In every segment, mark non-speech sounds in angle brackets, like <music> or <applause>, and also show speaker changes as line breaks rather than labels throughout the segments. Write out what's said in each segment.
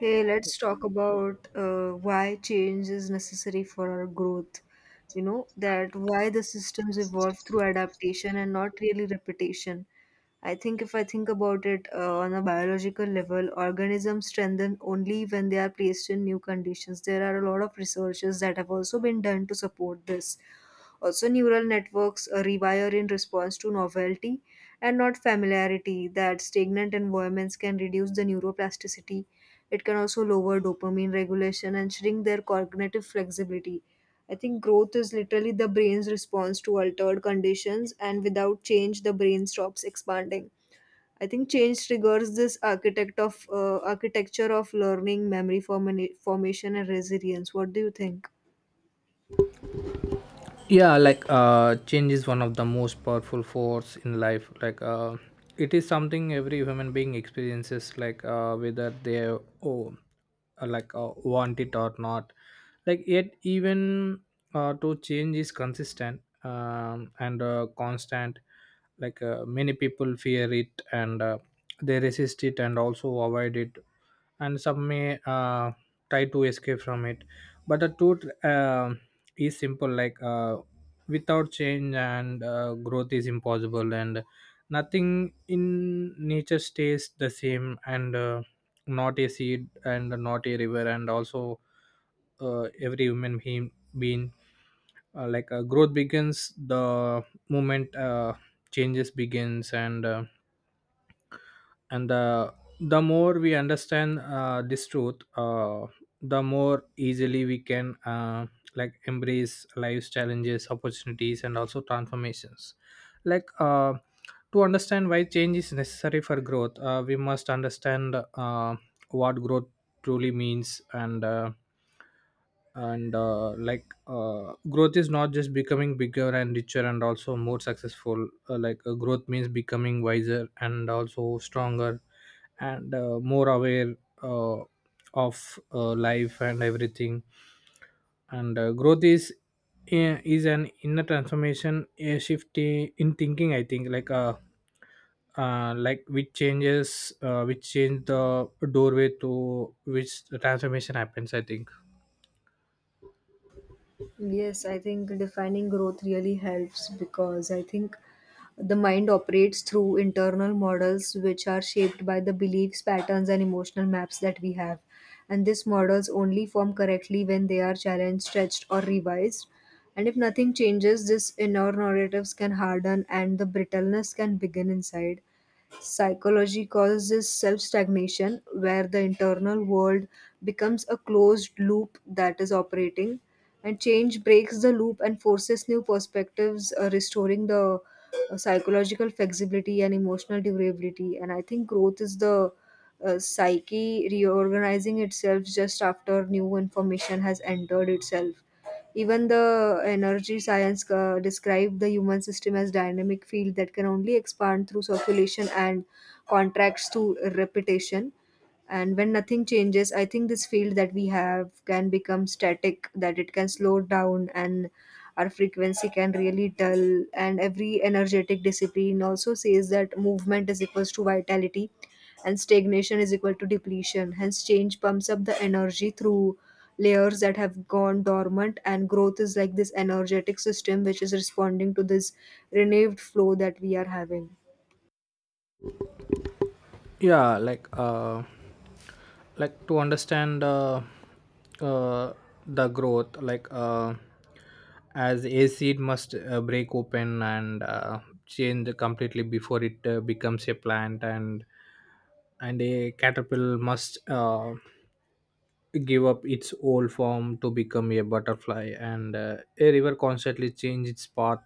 Hey, let's talk about why change is necessary for our growth. You know, that why the systems evolve through adaptation and not really repetition. I think if I think about it, on a biological level, organisms strengthen only when they are placed in new conditions. There are a lot of researches that have also been done to support this. Also, neural networks rewire in response to novelty and not familiarity, that stagnant environments can reduce the neuroplasticity. It can also lower dopamine regulation and shrink their cognitive flexibility. I think growth is literally the brain's response to altered conditions, and without change, the brain stops expanding. I think change triggers this architecture of learning, memory formation, and resilience. What do you think?
Yeah, like change is one of the most powerful force in life, like it is something every human being experiences, like whether they oh want it or not, like yet even to change is consistent and constant. Like many people fear it, and they resist it and also avoid it. And some may try to escape from it. But the truth is simple, like without change and growth is impossible, and nothing in nature stays the same, and not a seed and not a river, and also every human being, being growth begins the moment changes begins, and the more we understand this truth, the more easily we can like embrace life's challenges, opportunities, and also transformations. like uh, to understand why change is necessary for growth, we must understand what growth truly means, and growth is not just becoming bigger and richer and also more successful. Growth means becoming wiser and also stronger, and more aware uh, of life and everything. And growth is an inner transformation, a shift in thinking, I think. Like which changes which change the doorway to which the transformation happens, I think.
Yes, I think defining growth really helps because I think the mind operates through internal models which are shaped by the beliefs, patterns, and emotional maps that we have. And these models only form correctly when they are challenged, stretched, or revised. And if nothing changes, this inner narratives can harden and the brittleness can begin inside. Psychology causes this self stagnation, where the internal world becomes a closed loop that is operating, and change breaks the loop and forces new perspectives, restoring the psychological flexibility and emotional durability. And I think growth is the psyche reorganizing itself just after new information has entered itself. Even the energy science describe the human system as dynamic field that can only expand through circulation and contracts to repetition. And when nothing changes, I think this field that we have can become static, that it can slow down and our frequency can really dull. And every energetic discipline also says that movement is equals to vitality and stagnation is equal to depletion. Hence change pumps up the energy through layers that have gone dormant, and growth is like this energetic system which is responding to this renewed flow that we are having.
Yeah, like to understand uh, the growth, like as a seed must break open and change completely before it becomes a plant, and a caterpillar must give up its old form to become a butterfly, and a river constantly change its path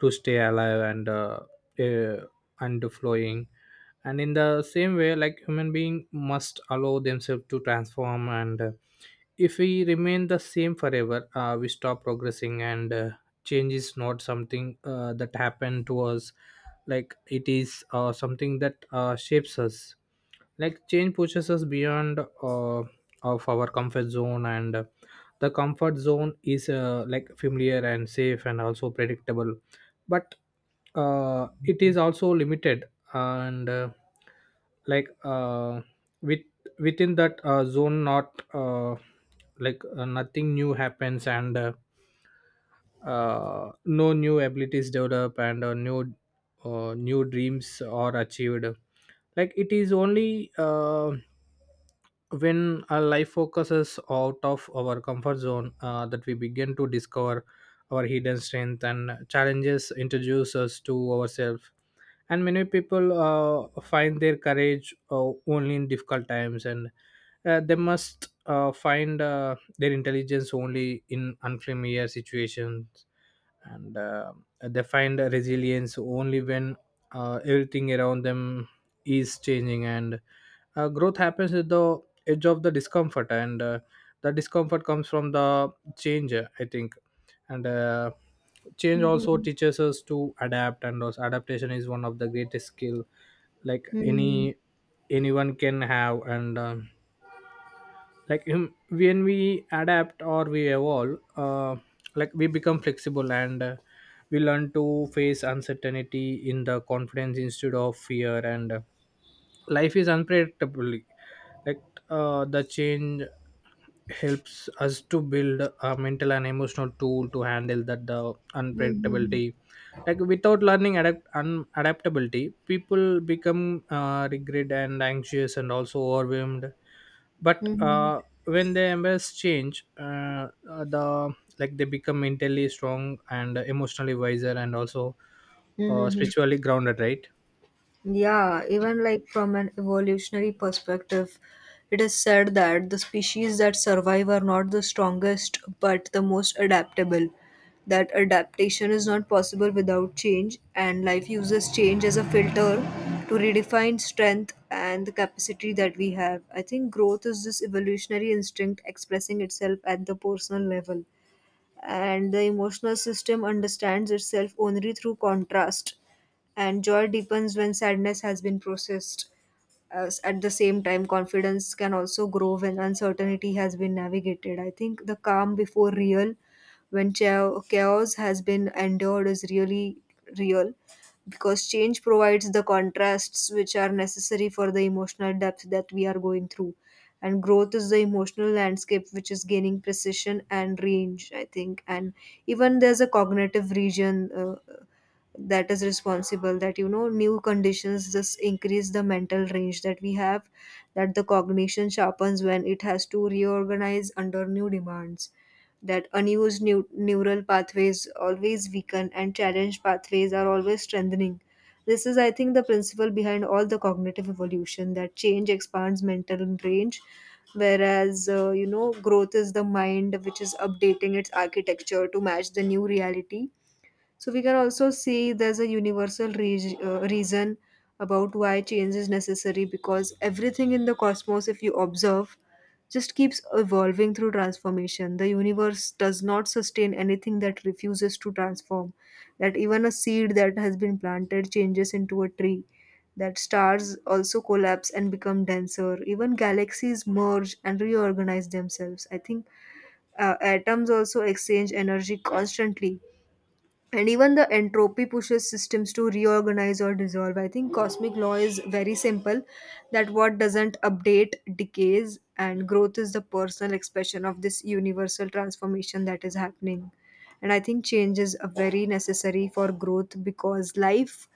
to stay alive uh, and flowing. And in the same way, like human being must allow themselves to transform, and if we remain the same forever, we stop progressing, and change is not something that happened to us, like it is something that shapes us. Like change pushes us beyond of our comfort zone, and the comfort zone is like familiar and safe and also predictable, but it is also limited, and like uh, with within that zone nothing new happens, and no new abilities developed, and new dreams are achieved. Like it is only when our life focuses out of our comfort zone that we begin to discover our hidden strength, and challenges introduce us to ourselves. And many people find their courage only in difficult times, and they must find their intelligence only in unfamiliar situations, and they find resilience only when everything around them is changing, and growth happens at the edge of the discomfort, and the discomfort comes from the change, I think, and change also
Mhm.
teaches us to adapt, and also adaptation is one of the greatest skill like
Mhm.
anyone can have, and like um, when we adapt or we evolve, like we become flexible, and we learn to face uncertainty in the confidence instead of fear, and life is unpredictable. Like the change helps us to build a mental and emotional tool to handle that the
Mhm. Mhm.
unpredictability, like without learning adaptability people become regret and anxious and also overwhelmed. But
Mhm.
when the embers change, they become mentally strong and emotionally wiser and also
Hmm.
spiritually grounded, right?
Yeah, even like from an evolutionary perspective, it is said that the species that survive are not the strongest but the most adaptable. That adaptation is not possible without change, and life uses change as a filter to redefine strength and the capacity that we have. I think growth is this evolutionary instinct expressing itself at the personal level, and the emotional system understands itself only through contrast, and joy deepens when sadness has been processed. As at the same time, confidence can also grow when uncertainty has been navigated. I think the calm before real, when chaos has been endured, is really real because change provides the contrasts which are necessary for the emotional depth that we are going through. And growth is the emotional landscape which is gaining precision and range, I think. And even there's a cognitive region that is responsible, that you know, new conditions just increase the mental range that we have, that the cognition sharpens when it has to reorganize under new demands, that unused neural pathways always weaken and challenged pathways are always strengthening. This is, I think, the principle behind all the cognitive evolution, that change expands mental range, whereas, you know, growth is the mind which is updating its architecture to match the new reality. So we can also see there's a universal reason about why change is necessary, because everything in the cosmos, if you observe, just keeps evolving through transformation. The universe does not sustain anything that refuses to transform. That even a seed that has been planted changes into a tree. That stars also collapse and become denser. Even galaxies merge and reorganize themselves. I think atoms also exchange energy constantly, and even the entropy pushes systems to reorganize or dissolve. I think cosmic law is very simple, that what doesn't update decays, and growth is the personal expression of this universal transformation that is happening. And I think change is a very necessary for growth because life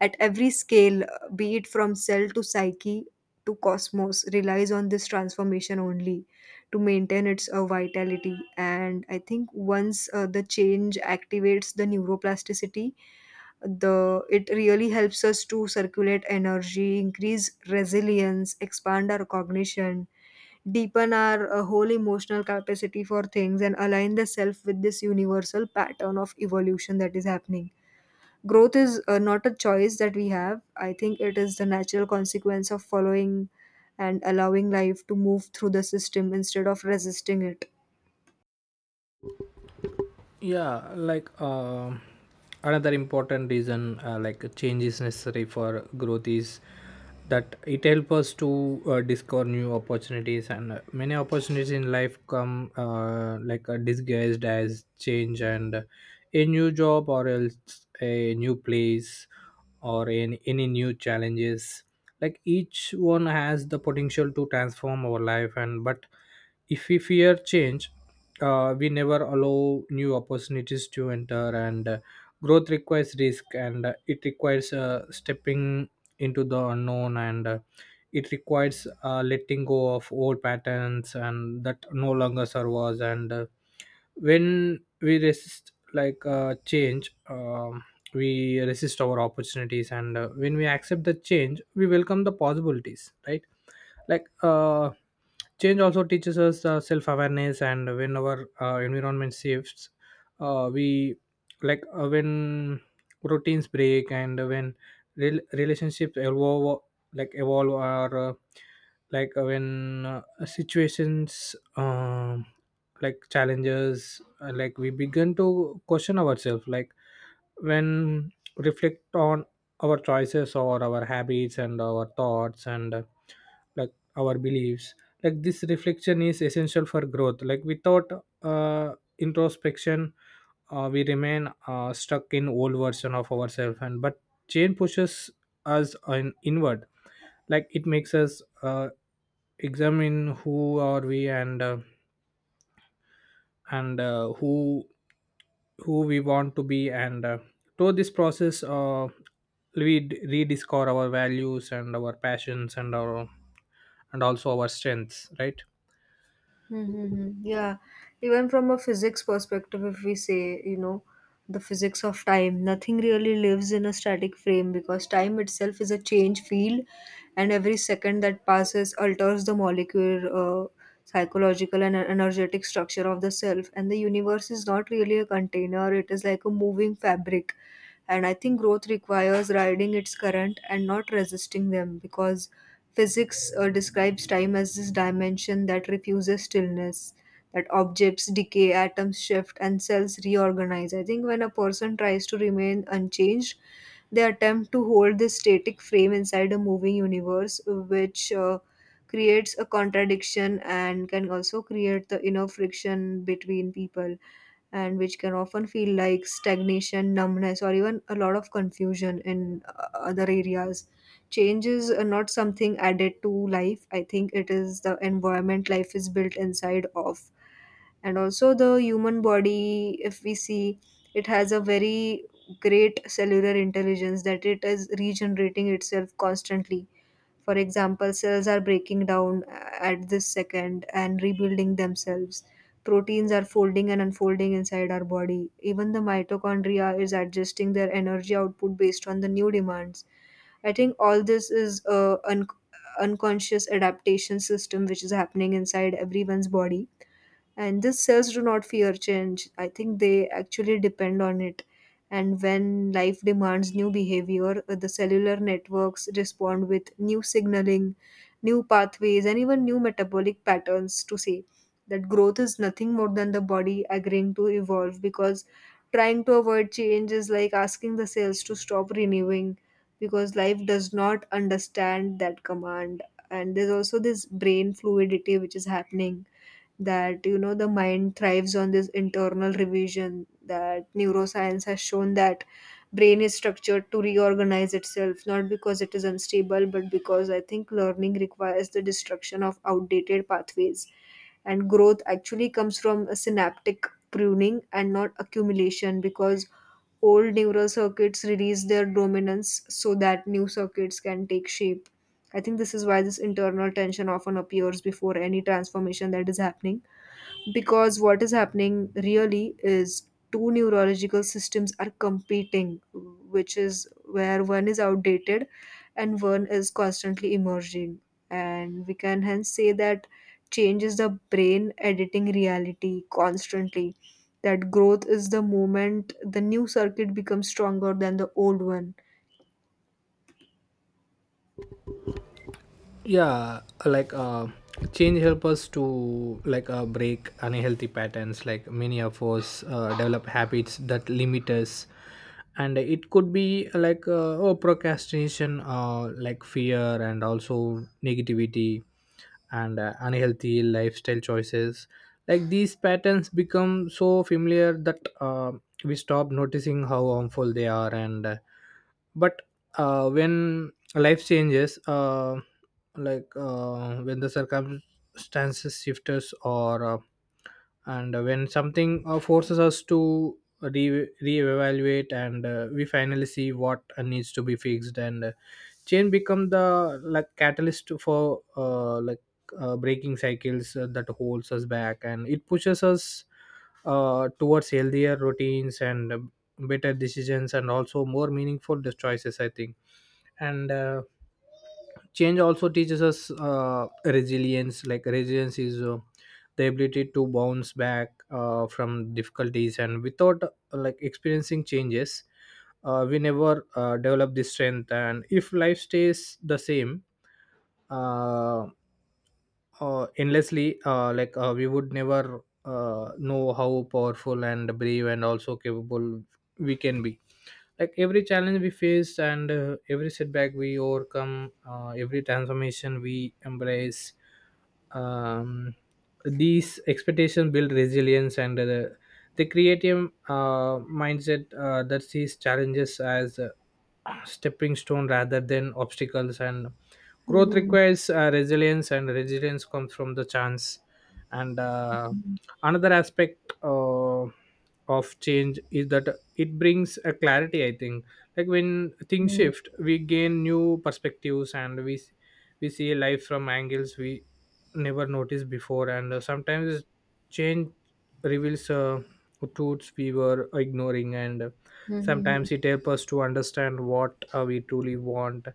at every scale, be it from cell to psyche to cosmos, relies on this transformation only to maintain its vitality. And I think once the change activates the neuroplasticity, the it really helps us to circulate energy, increase resilience, expand our cognition, deepen our whole emotional capacity for things, and align the self with this universal pattern of evolution that is happening. Growth is not a choice that we have, I think. It is the natural consequence of following and allowing life to move through the system instead of resisting it.
Yeah, like another important reason, like a change is necessary for growth, is that it helps us to discover new opportunities, and many opportunities in life come, disguised as change, and a new job or else a new place or in any new challenges. Like each one has the potential to transform our life, and but if we fear change, we never allow new opportunities to enter, and growth requires risk, and it requires stepping into the unknown, and it requires letting go of old patterns and that no longer serve us, and when we resist like change, we resist our opportunities, and when we accept the change we welcome the possibilities, right? like uh, Change also teaches us self-awareness, and when our environment shifts, we when routines break, and when relationships evolve, like evolve or when situations like challenges, like we begin to question ourselves, like when reflect on our choices or our habits and our thoughts, and like our beliefs, like this reflection is essential for growth. Like without uh, introspection, we remain stuck in old version of ourselves, and but change pushes us inward. Like it makes us examine who are we, and who we want to be, and through this process, we rediscover our values and our passions and our and also our strengths, right?
Mm-hmm. Yeah, even from a physics perspective, if we say, you know, the physics of time, nothing really lives in a static frame because time itself is a change field, and every second that passes alters the molecular, uh, psychological, and energetic structure of the self. And the universe is not really a container, it is like a moving fabric, and I think growth requires riding its current and not resisting them because physics describes time as this dimension that refuses stillness, that objects decay, atoms shift, and cells reorganize. I think when a person tries to remain unchanged, they attempt to hold this static frame inside a moving universe, which creates a contradiction and can also create the inner friction between people, and which can often feel like stagnation, numbness, or even a lot of confusion in other areas. Change is not something added to life. I think it is the environment life is built inside of. And also, the human body, if we see, it has a very great cellular intelligence, that it is regenerating itself constantly. For example, cells are breaking down at this second and rebuilding themselves. Proteins are folding and unfolding inside our body. Even the mitochondria is adjusting their energy output based on the new demands. I think all this is a un- unconscious adaptation system which is happening inside everyone's body, and these cells do not fear change. I think they actually depend on it. And when life demands new behavior, the cellular networks respond with new signaling, new pathways, and even new metabolic patterns, to say that growth is nothing more than the body agreeing to evolve, because trying to avoid change is like asking the cells to stop renewing, because life does not understand that command. And there's also this brain fluidity which is happening, that you know, the mind thrives on this internal revision, that neuroscience has shown that brain is structured to reorganize itself, not because it is unstable, but because I think learning requires the destruction of outdated pathways. And growth actually comes from a synaptic pruning and not accumulation, because old neural circuits release their dominance so that new circuits can take shape. I think this is why this internal tension often appears before any transformation that is happening, because what is happening really is two neurological systems are competing, which is where one is outdated and one is constantly emerging. And we can hence say that change is the brain editing reality constantly, that growth is the moment the new circuit becomes stronger than the old one.
Yeah, change help us to, like break unhealthy patterns. Like many of us develop habits that limit us, and it could be like oh, procrastination, like fear and also negativity, and unhealthy lifestyle choices. Like these patterns become so familiar that we stop noticing how harmful they are, and but when life changes, when the circumstances shifts or and when something forces us to reevaluate, and we finally see what needs to be fixed, and chain become the like catalyst for breaking cycles that holds us back, and it pushes us towards healthier routines, and better decisions and also more meaningful choices, I think, and change also teaches us resilience. Like resilience is the ability to bounce back from difficulties, and without like experiencing changes, we never develop this strength, and if life stays the same uh, endlessly, we would never know how powerful and brave and also capable we can be. Like every challenge we face, and every setback we overcome, every transformation we embrace, um, these expectations build resilience, and the creative mindset that sees challenges as stepping stone rather than obstacles, and growth
Mhm.
requires resilience, and resilience comes from the chance, and
Mhm.
another aspect of change is that it brings a clarity, I think. Like when things
Mhm.
shift, we gain new perspectives, and we see life from angles we never noticed before, and sometimes change reveals truths we were ignoring, and
Mhm.
sometimes it helps us to understand what we truly want,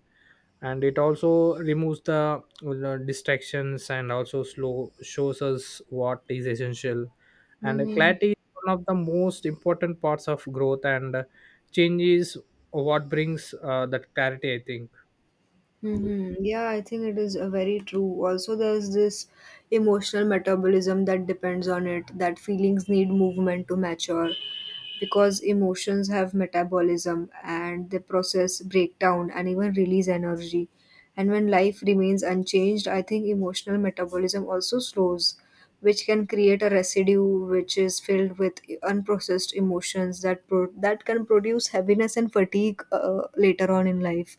and it also removes the distractions and also slow shows us what is essential. And
Mhm.
clarity is one of the most important parts of growth, and change is what brings that clarity, I think.
Mm-hmm. Yeah, I think it is very true. Also, there's this emotional metabolism that depends on it, that feelings need movement to mature because emotions have metabolism and they process breakdown and even release energy. And when life remains unchanged, I think emotional metabolism also slows, which can create a residue which is filled with unprocessed emotions that can produce heaviness and fatigue later on in life.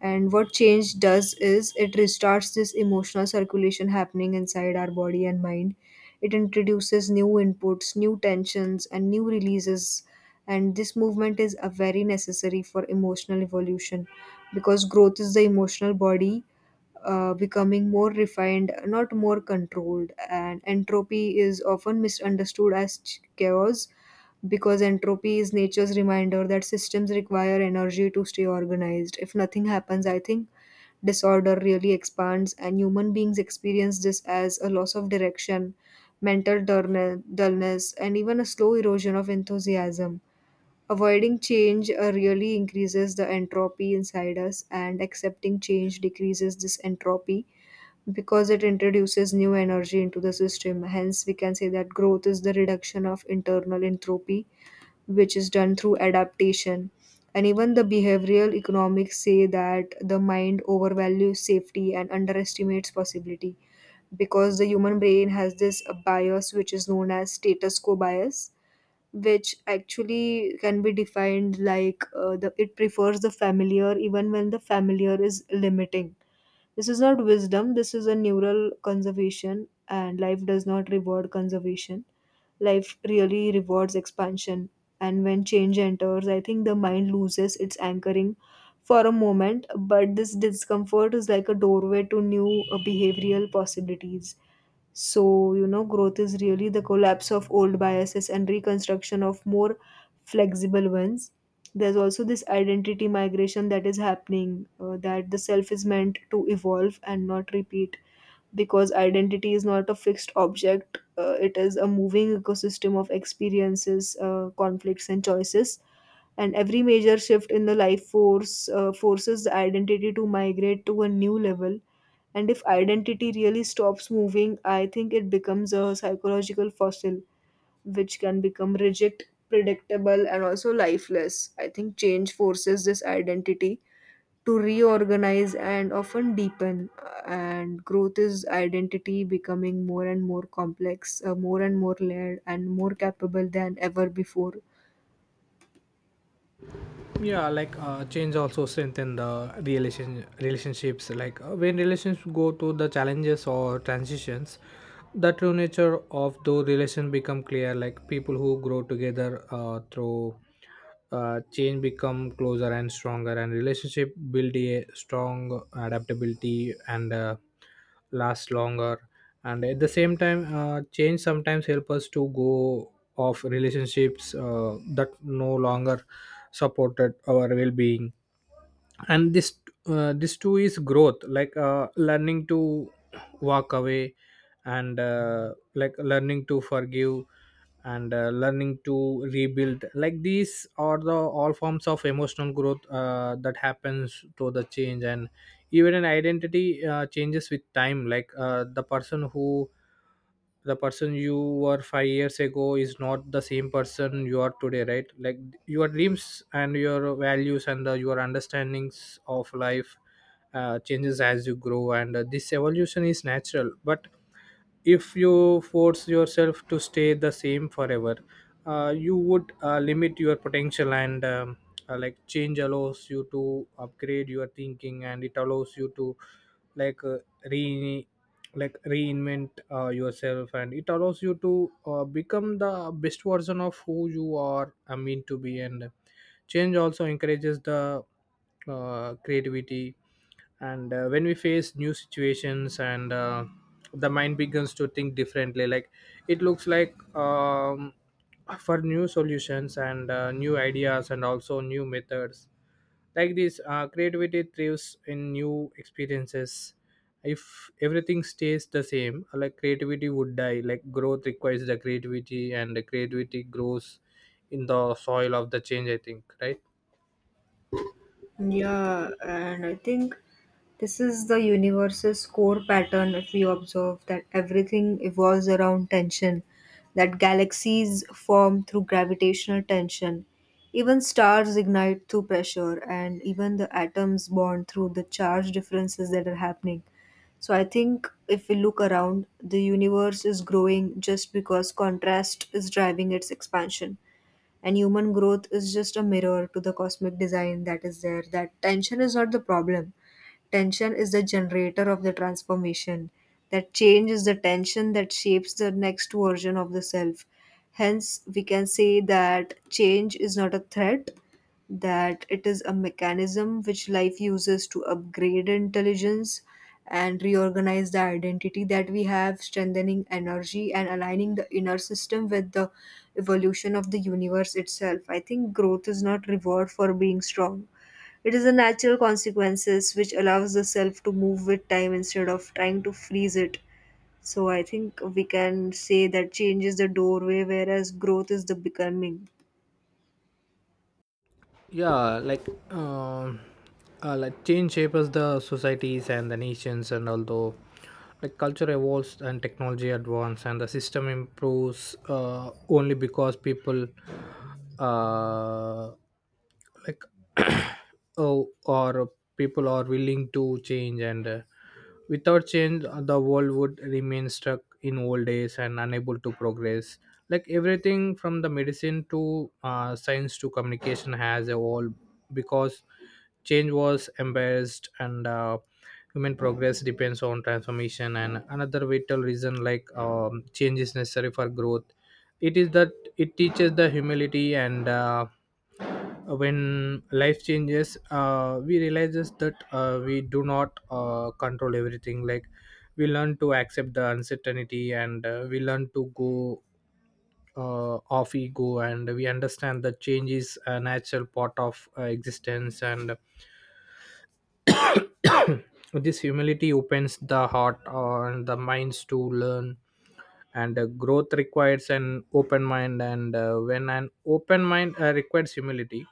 And what change does is it restarts this emotional circulation happening inside our body and mind. It introduces new inputs, new tensions, and new releases. And this movement is a very necessary for emotional evolution, because growth is the emotional body becoming more refined, not more controlled. And entropy is often misunderstood as chaos, because entropy is nature's reminder that systems require energy to stay organized. If nothing happens, I think disorder really expands, and human beings experience this as a loss of direction, mental dullness, and even a slow erosion of enthusiasm. Avoiding change really increases the entropy inside us, and accepting change decreases this entropy because it introduces new energy into the system. Hence, we can say that growth is the reduction of internal entropy which is done through adaptation. And even the behavioral economics say that the mind overvalues safety and underestimates possibility, because the human brain has this bias which is known as status quo bias, which actually can be defined like the it prefers the familiar even when the familiar is limiting. This is not wisdom, this is a neural conservation, and life does not reward conservation. Life really rewards expansion. And when change enters, I think the mind loses its anchoring for a moment, but this discomfort is like a doorway to new behavioral possibilities. So, growth is really the collapse of old biases and reconstruction of more flexible ones. There's also this identity migration that is happening, that the self is meant to evolve and not repeat because identity is not a fixed object. It is a moving ecosystem of experiences, conflicts, and choices. And every major shift in the life force forces the identity to migrate to a new level, and if identity really stops moving, I think it becomes a psychological fossil, which can become rigid, predictable, and also lifeless. I think change forces this identity to reorganize and often deepen. And growth is identity becoming more and more complex, more and more layered, and more capable than ever before.
Yeah, change also strengthen the relationships. Like when relations go through the challenges or transitions, the true nature of those relation become clear. Like people who grow together through change become closer and stronger, and relationship build a strong adaptability, and last longer. And at the same time, change sometimes help us to go of relationships that no longer supported our well-being, and this too is growth. Learning to walk away, and like learning to forgive, and learning to rebuild, like these are the all forms of emotional growth that happens through the change. And even an identity changes with time, like the person you were 5 years ago is not the same person you are today, right? Like your dreams and your values and your understandings of life changes as you grow, and this evolution is natural. But if you force yourself to stay the same forever, you would limit your potential, and change allows you to upgrade your thinking, and it allows you to like re like reinvent yourself, and it allows you to become the best version of who you are I mean to be. And change also encourages the creativity, and when we face new situations, and the mind begins to think differently. Like it looks like um, for new solutions and new ideas and also new methods. Like this creativity thrives in new experiences. If everything stays the same, like creativity would die. Like growth requires the creativity, and the creativity grows in the soil of the change, I think, right?
Yeah, and I think this is the universe's core pattern if we observe that everything evolves around tension, that galaxies form through gravitational tension, even stars ignite through pressure, and even the atoms bond through the charge differences that are happening. So I think if we look around, the universe is growing just because contrast is driving its expansion, and human growth is just a mirror to the cosmic design that is there, that tension is not the problem. Tension is the generator of the transformation. That change is the tension that shapes the next version of the self. Hence, we can say that change is not a threat, that it is a mechanism which life uses to upgrade intelligence and reorganize the identity that we have, strengthening energy and aligning the inner system with the evolution of the universe itself. I think growth is not reward for being strong. It is a natural consequences which allows the self to move with time instead of trying to freeze it. So I think we can say that change is the doorway, whereas growth is the becoming.
Yeah, like change shapes the societies and the nations, and although Like culture evolves and technology advance and the system improves only because people uh, like <clears throat> oh or people are willing to change and without change the world would remain stuck in old days and unable to progress. Like everything from the medicine to science to communication has evolved because change was embarrassed, and human progress depends on transformation. And another vital reason, change is necessary for growth. It is that it teaches the humility, and when life changes, we realizes that we do not control everything. Like we learn to accept the uncertainty, and we learn to go off ego, and we understand that change is a natural part of existence. And this humility opens the heart and the minds to learn, and growth requires an open mind, and when an open mind requires humility.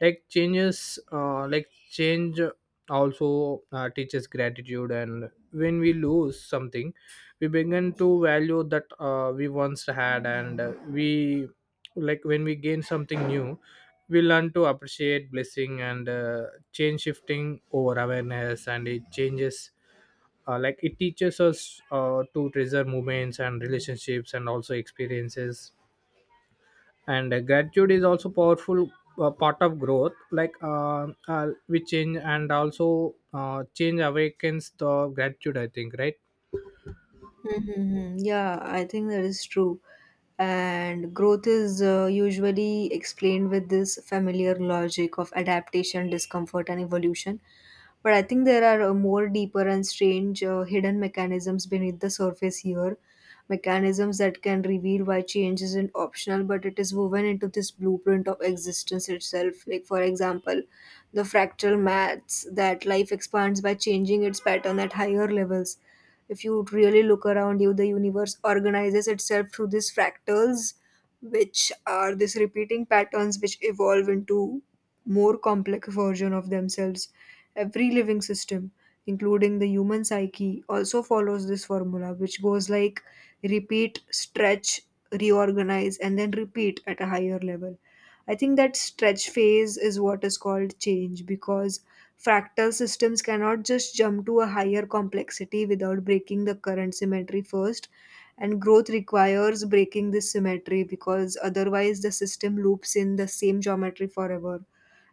Like change also teaches gratitude, and when we lose something we begin to value that, we once had, and we, like when we gain something new, we learn to appreciate blessing, and change shifting over awareness and it changes. Like it teaches us to treasure moments and relationships and also experiences, and gratitude is also powerful part of growth. Like we change and also change awakens the gratitude, I think, right?
Mm-hmm. Yeah, I think that is true. And growth is usually explained with this familiar logic of adaptation, discomfort, and evolution. But I think there are more deeper and strange hidden mechanisms beneath the surface here. Mechanisms that can reveal why change isn't optional, but it is woven into this blueprint of existence itself. Like, for example, the fractal maths that life expands by changing its pattern at higher levels. If you really look around you, the universe organizes itself through these fractals, which are these repeating patterns which evolve into more complex version of themselves. Every living system, including the human psyche, also follows this formula, which goes like repeat, stretch, reorganize, and then repeat at a higher level. I think that stretch phase is what is called change, because fractal systems cannot just jump to a higher complexity without breaking the current symmetry first. And growth requires breaking this symmetry because otherwise the system loops in the same geometry forever.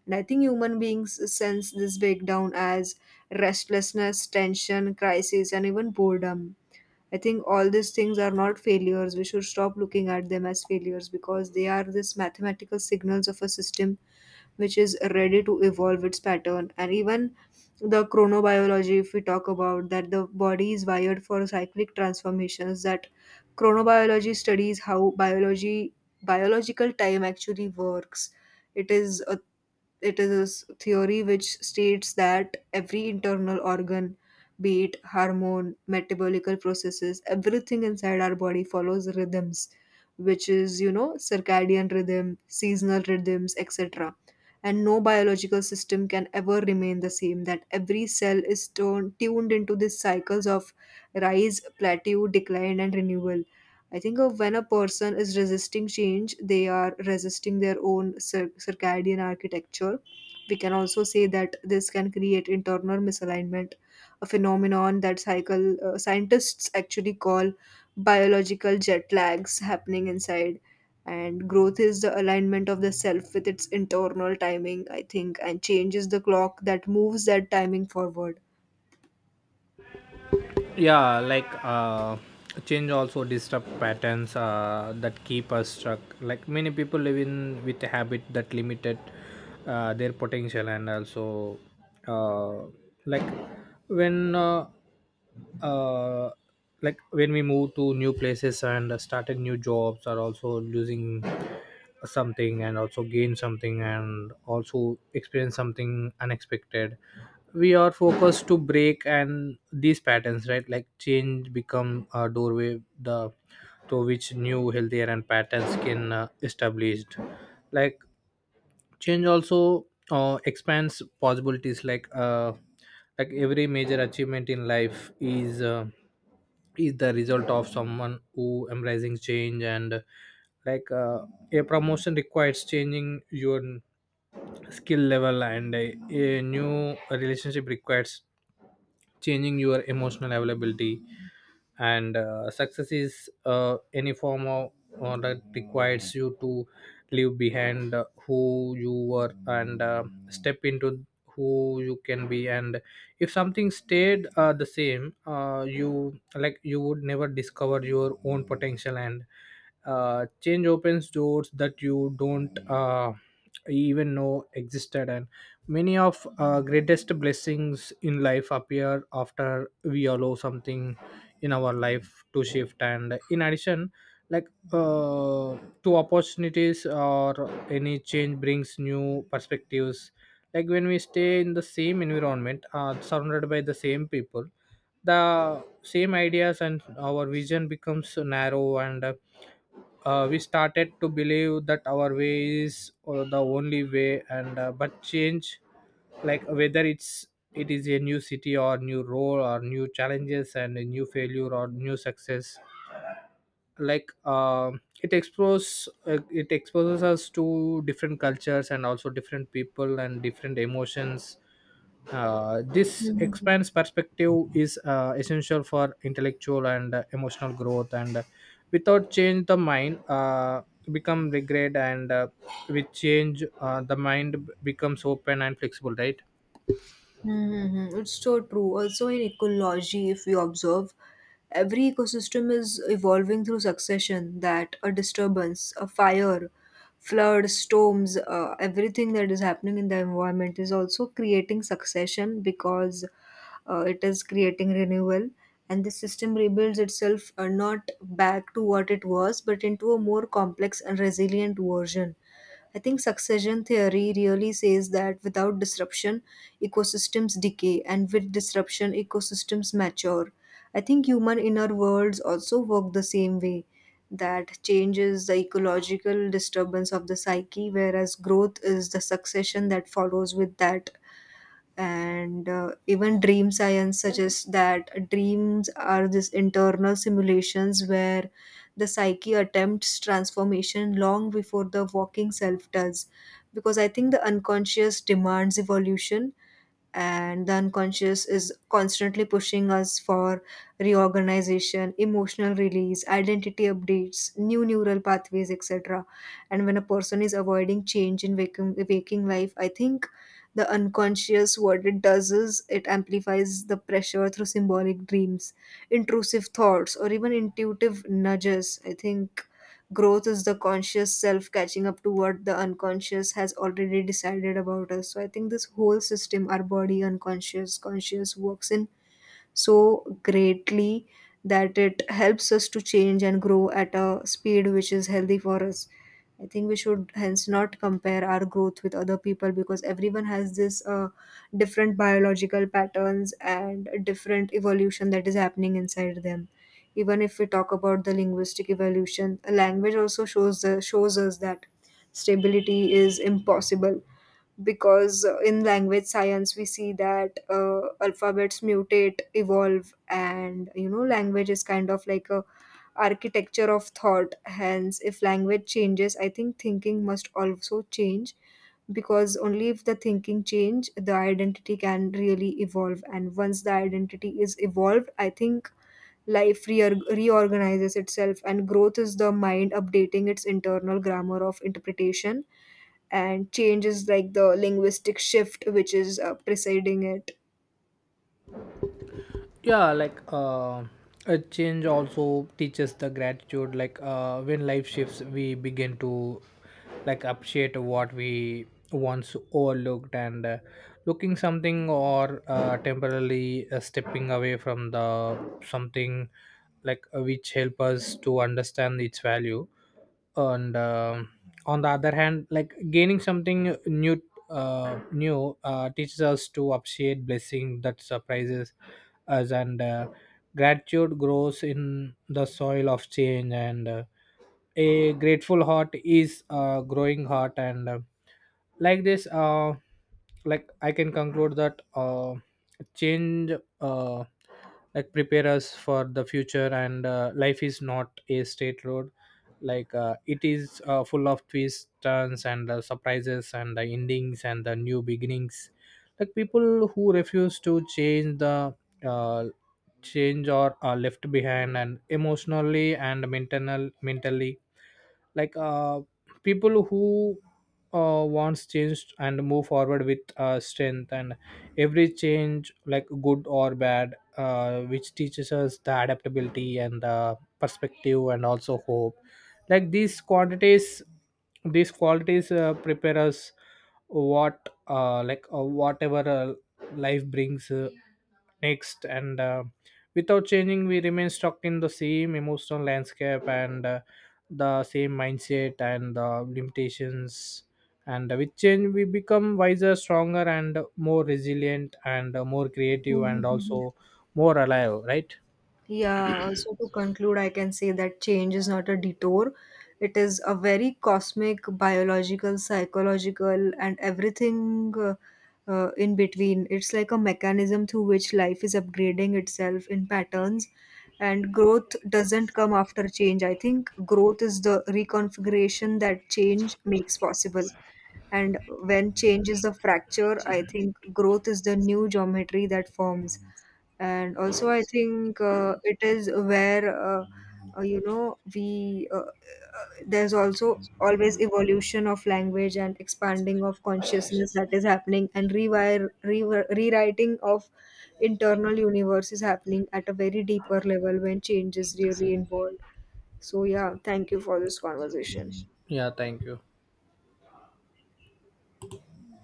And I think human beings sense this breakdown as restlessness, tension, crisis, and even boredom. I think all these things are not failures. We should stop looking at them as failures because they are this mathematical signals of a system which is ready to evolve its pattern. And even the chronobiology, if we talk about that, the body is wired for cyclic transformations. That chronobiology studies how biology biological time actually works. It is a it is a s- theory which states that every internal organ, be it hormone, metabolical processes, everything inside our body follows rhythms, which is, you know, circadian rhythm, seasonal rhythms, etc. And no biological system can ever remain the same, that every cell is tuned into these cycles of rise, plateau, decline, and renewal. I think of when a person is resisting change, they are resisting their own circadian architecture. We can also say that this can create internal misalignment, a phenomenon that cycle scientists actually call biological jet lags happening inside. And growth is the alignment of the self with its internal timing, I think, and change is the clock that moves that timing forward.
Yeah, change also disrupt patterns that keep us stuck. Like many people live in with a habit that limited their potential, and also uh, like when uh, like when we move to new places and started new jobs, are also losing something and also gain something and also experience something unexpected. We are focused to break and these patterns, right? Like change become a doorway, the to which new healthier and patterns can established. Like change also expands possibilities. Like every major achievement in life is, is the result of someone who embracing change. And like uh, a promotion requires changing your skill level, and a new relationship requires changing your emotional availability, and success is any form of or that requires you to leave behind who you were, and step into who you can be. And if something stayed the same, you, like you would never discover your own potential, and change opens doors that you don't even know existed. And many of greatest blessings in life appear after we allow something in our life to shift. And in addition, like uh, to opportunities, or any change brings new perspectives. Like when we stay in the same environment surrounded by the same people, the same ideas, and our vision becomes narrow, and we started to believe that our way is the only way. And uh, but change, like whether it's, it is a new city or new role or new challenges and a new failure or new success, it exposes, it exposes us to different cultures and also different people and different emotions. This expands perspective is essential for intellectual and emotional growth, and without change the mind become regret, and with change the mind becomes open and flexible, right?
Mm-hmm. It's so true. Also, in ecology, if we observe, every ecosystem is evolving through succession, that a disturbance, a fire, flood, storms, everything that is happening in the environment is also creating succession because it is creating renewal. And the system rebuilds itself not back to what it was, but into a more complex and resilient version. I think succession theory really says that without disruption, ecosystems decay, and with disruption, ecosystems mature. I think human inner worlds also work the same way, that changes the ecological disturbance of the psyche, whereas growth is the succession that follows with that. And even dream science suggests that dreams are these internal simulations where the psyche attempts transformation long before the walking self does, because I think the unconscious demands evolution, and the unconscious is constantly pushing us for reorganization, emotional release, identity updates, new neural pathways, etc. And when a person is avoiding change in waking life, I think the unconscious, what it does is it amplifies the pressure through symbolic dreams, intrusive thoughts, or even intuitive nudges. I think growth is the conscious self catching up to what the unconscious has already decided about us. So I think this whole system, our body, unconscious, conscious, works in so greatly that it helps us to change and grow at a speed which is healthy for us. I think we should hence not compare our growth with other people because everyone has this different biological patterns and different evolution that is happening inside them. Even if we talk about the linguistic evolution, a language also shows us that stability is impossible because in language science we see that alphabets mutate evolve, and you know, language is kind of like a architecture of thought. Hence, if language changes, I think thinking must also change, because only if the thinking change the identity can really evolve, and once the identity is evolved, I think life reorganizes itself, and growth is the mind updating its internal grammar of interpretation, and change is like the linguistic shift which is preceding it.
Yeah, a change also teaches the gratitude. When life shifts we begin to like appreciate what we once overlooked, and looking something, or temporarily stepping away from the something, which help us to understand its value. And on the other hand, like gaining something new, teaches us to appreciate blessing that surprises us, and gratitude grows in the soil of change, and a grateful heart is a growing heart. And like this uh, like I can conclude that change uh, like prepare us for the future. And life is not a straight road. It is full of twists, turns, and surprises and the endings and the new beginnings. Like people who refuse to change, the uh, change, or are left behind, and emotionally and mentally, like uh, people who wants change and move forward with strength. And every change, like good or bad, which teaches us the adaptability and the perspective and also hope. Like these qualities prepare us whatever life brings next, and without changing we remain stuck in the same emotional landscape, and the same mindset, and limitations. And with change we become wiser, stronger, and more resilient, and more creative,
Mhm,
and
mhm.
also more alive, right?
Yeah, also to conclude, I can say that change is not a detour. It is a very cosmic, biological, psychological, and everything in between. It's like a mechanism through which life is upgrading itself in patterns, and growth doesn't come after change. I think growth is the reconfiguration that change makes possible. And when change is the fracture, I think growth is the new geometry that forms. And also, I think it is where, uh, you know, there's also always evolution of language and expanding of consciousness that is happening, and rewriting of internal universe is happening at a very deeper level when change is really involved. So, yeah, thank you for this conversation.
Yeah, thank you.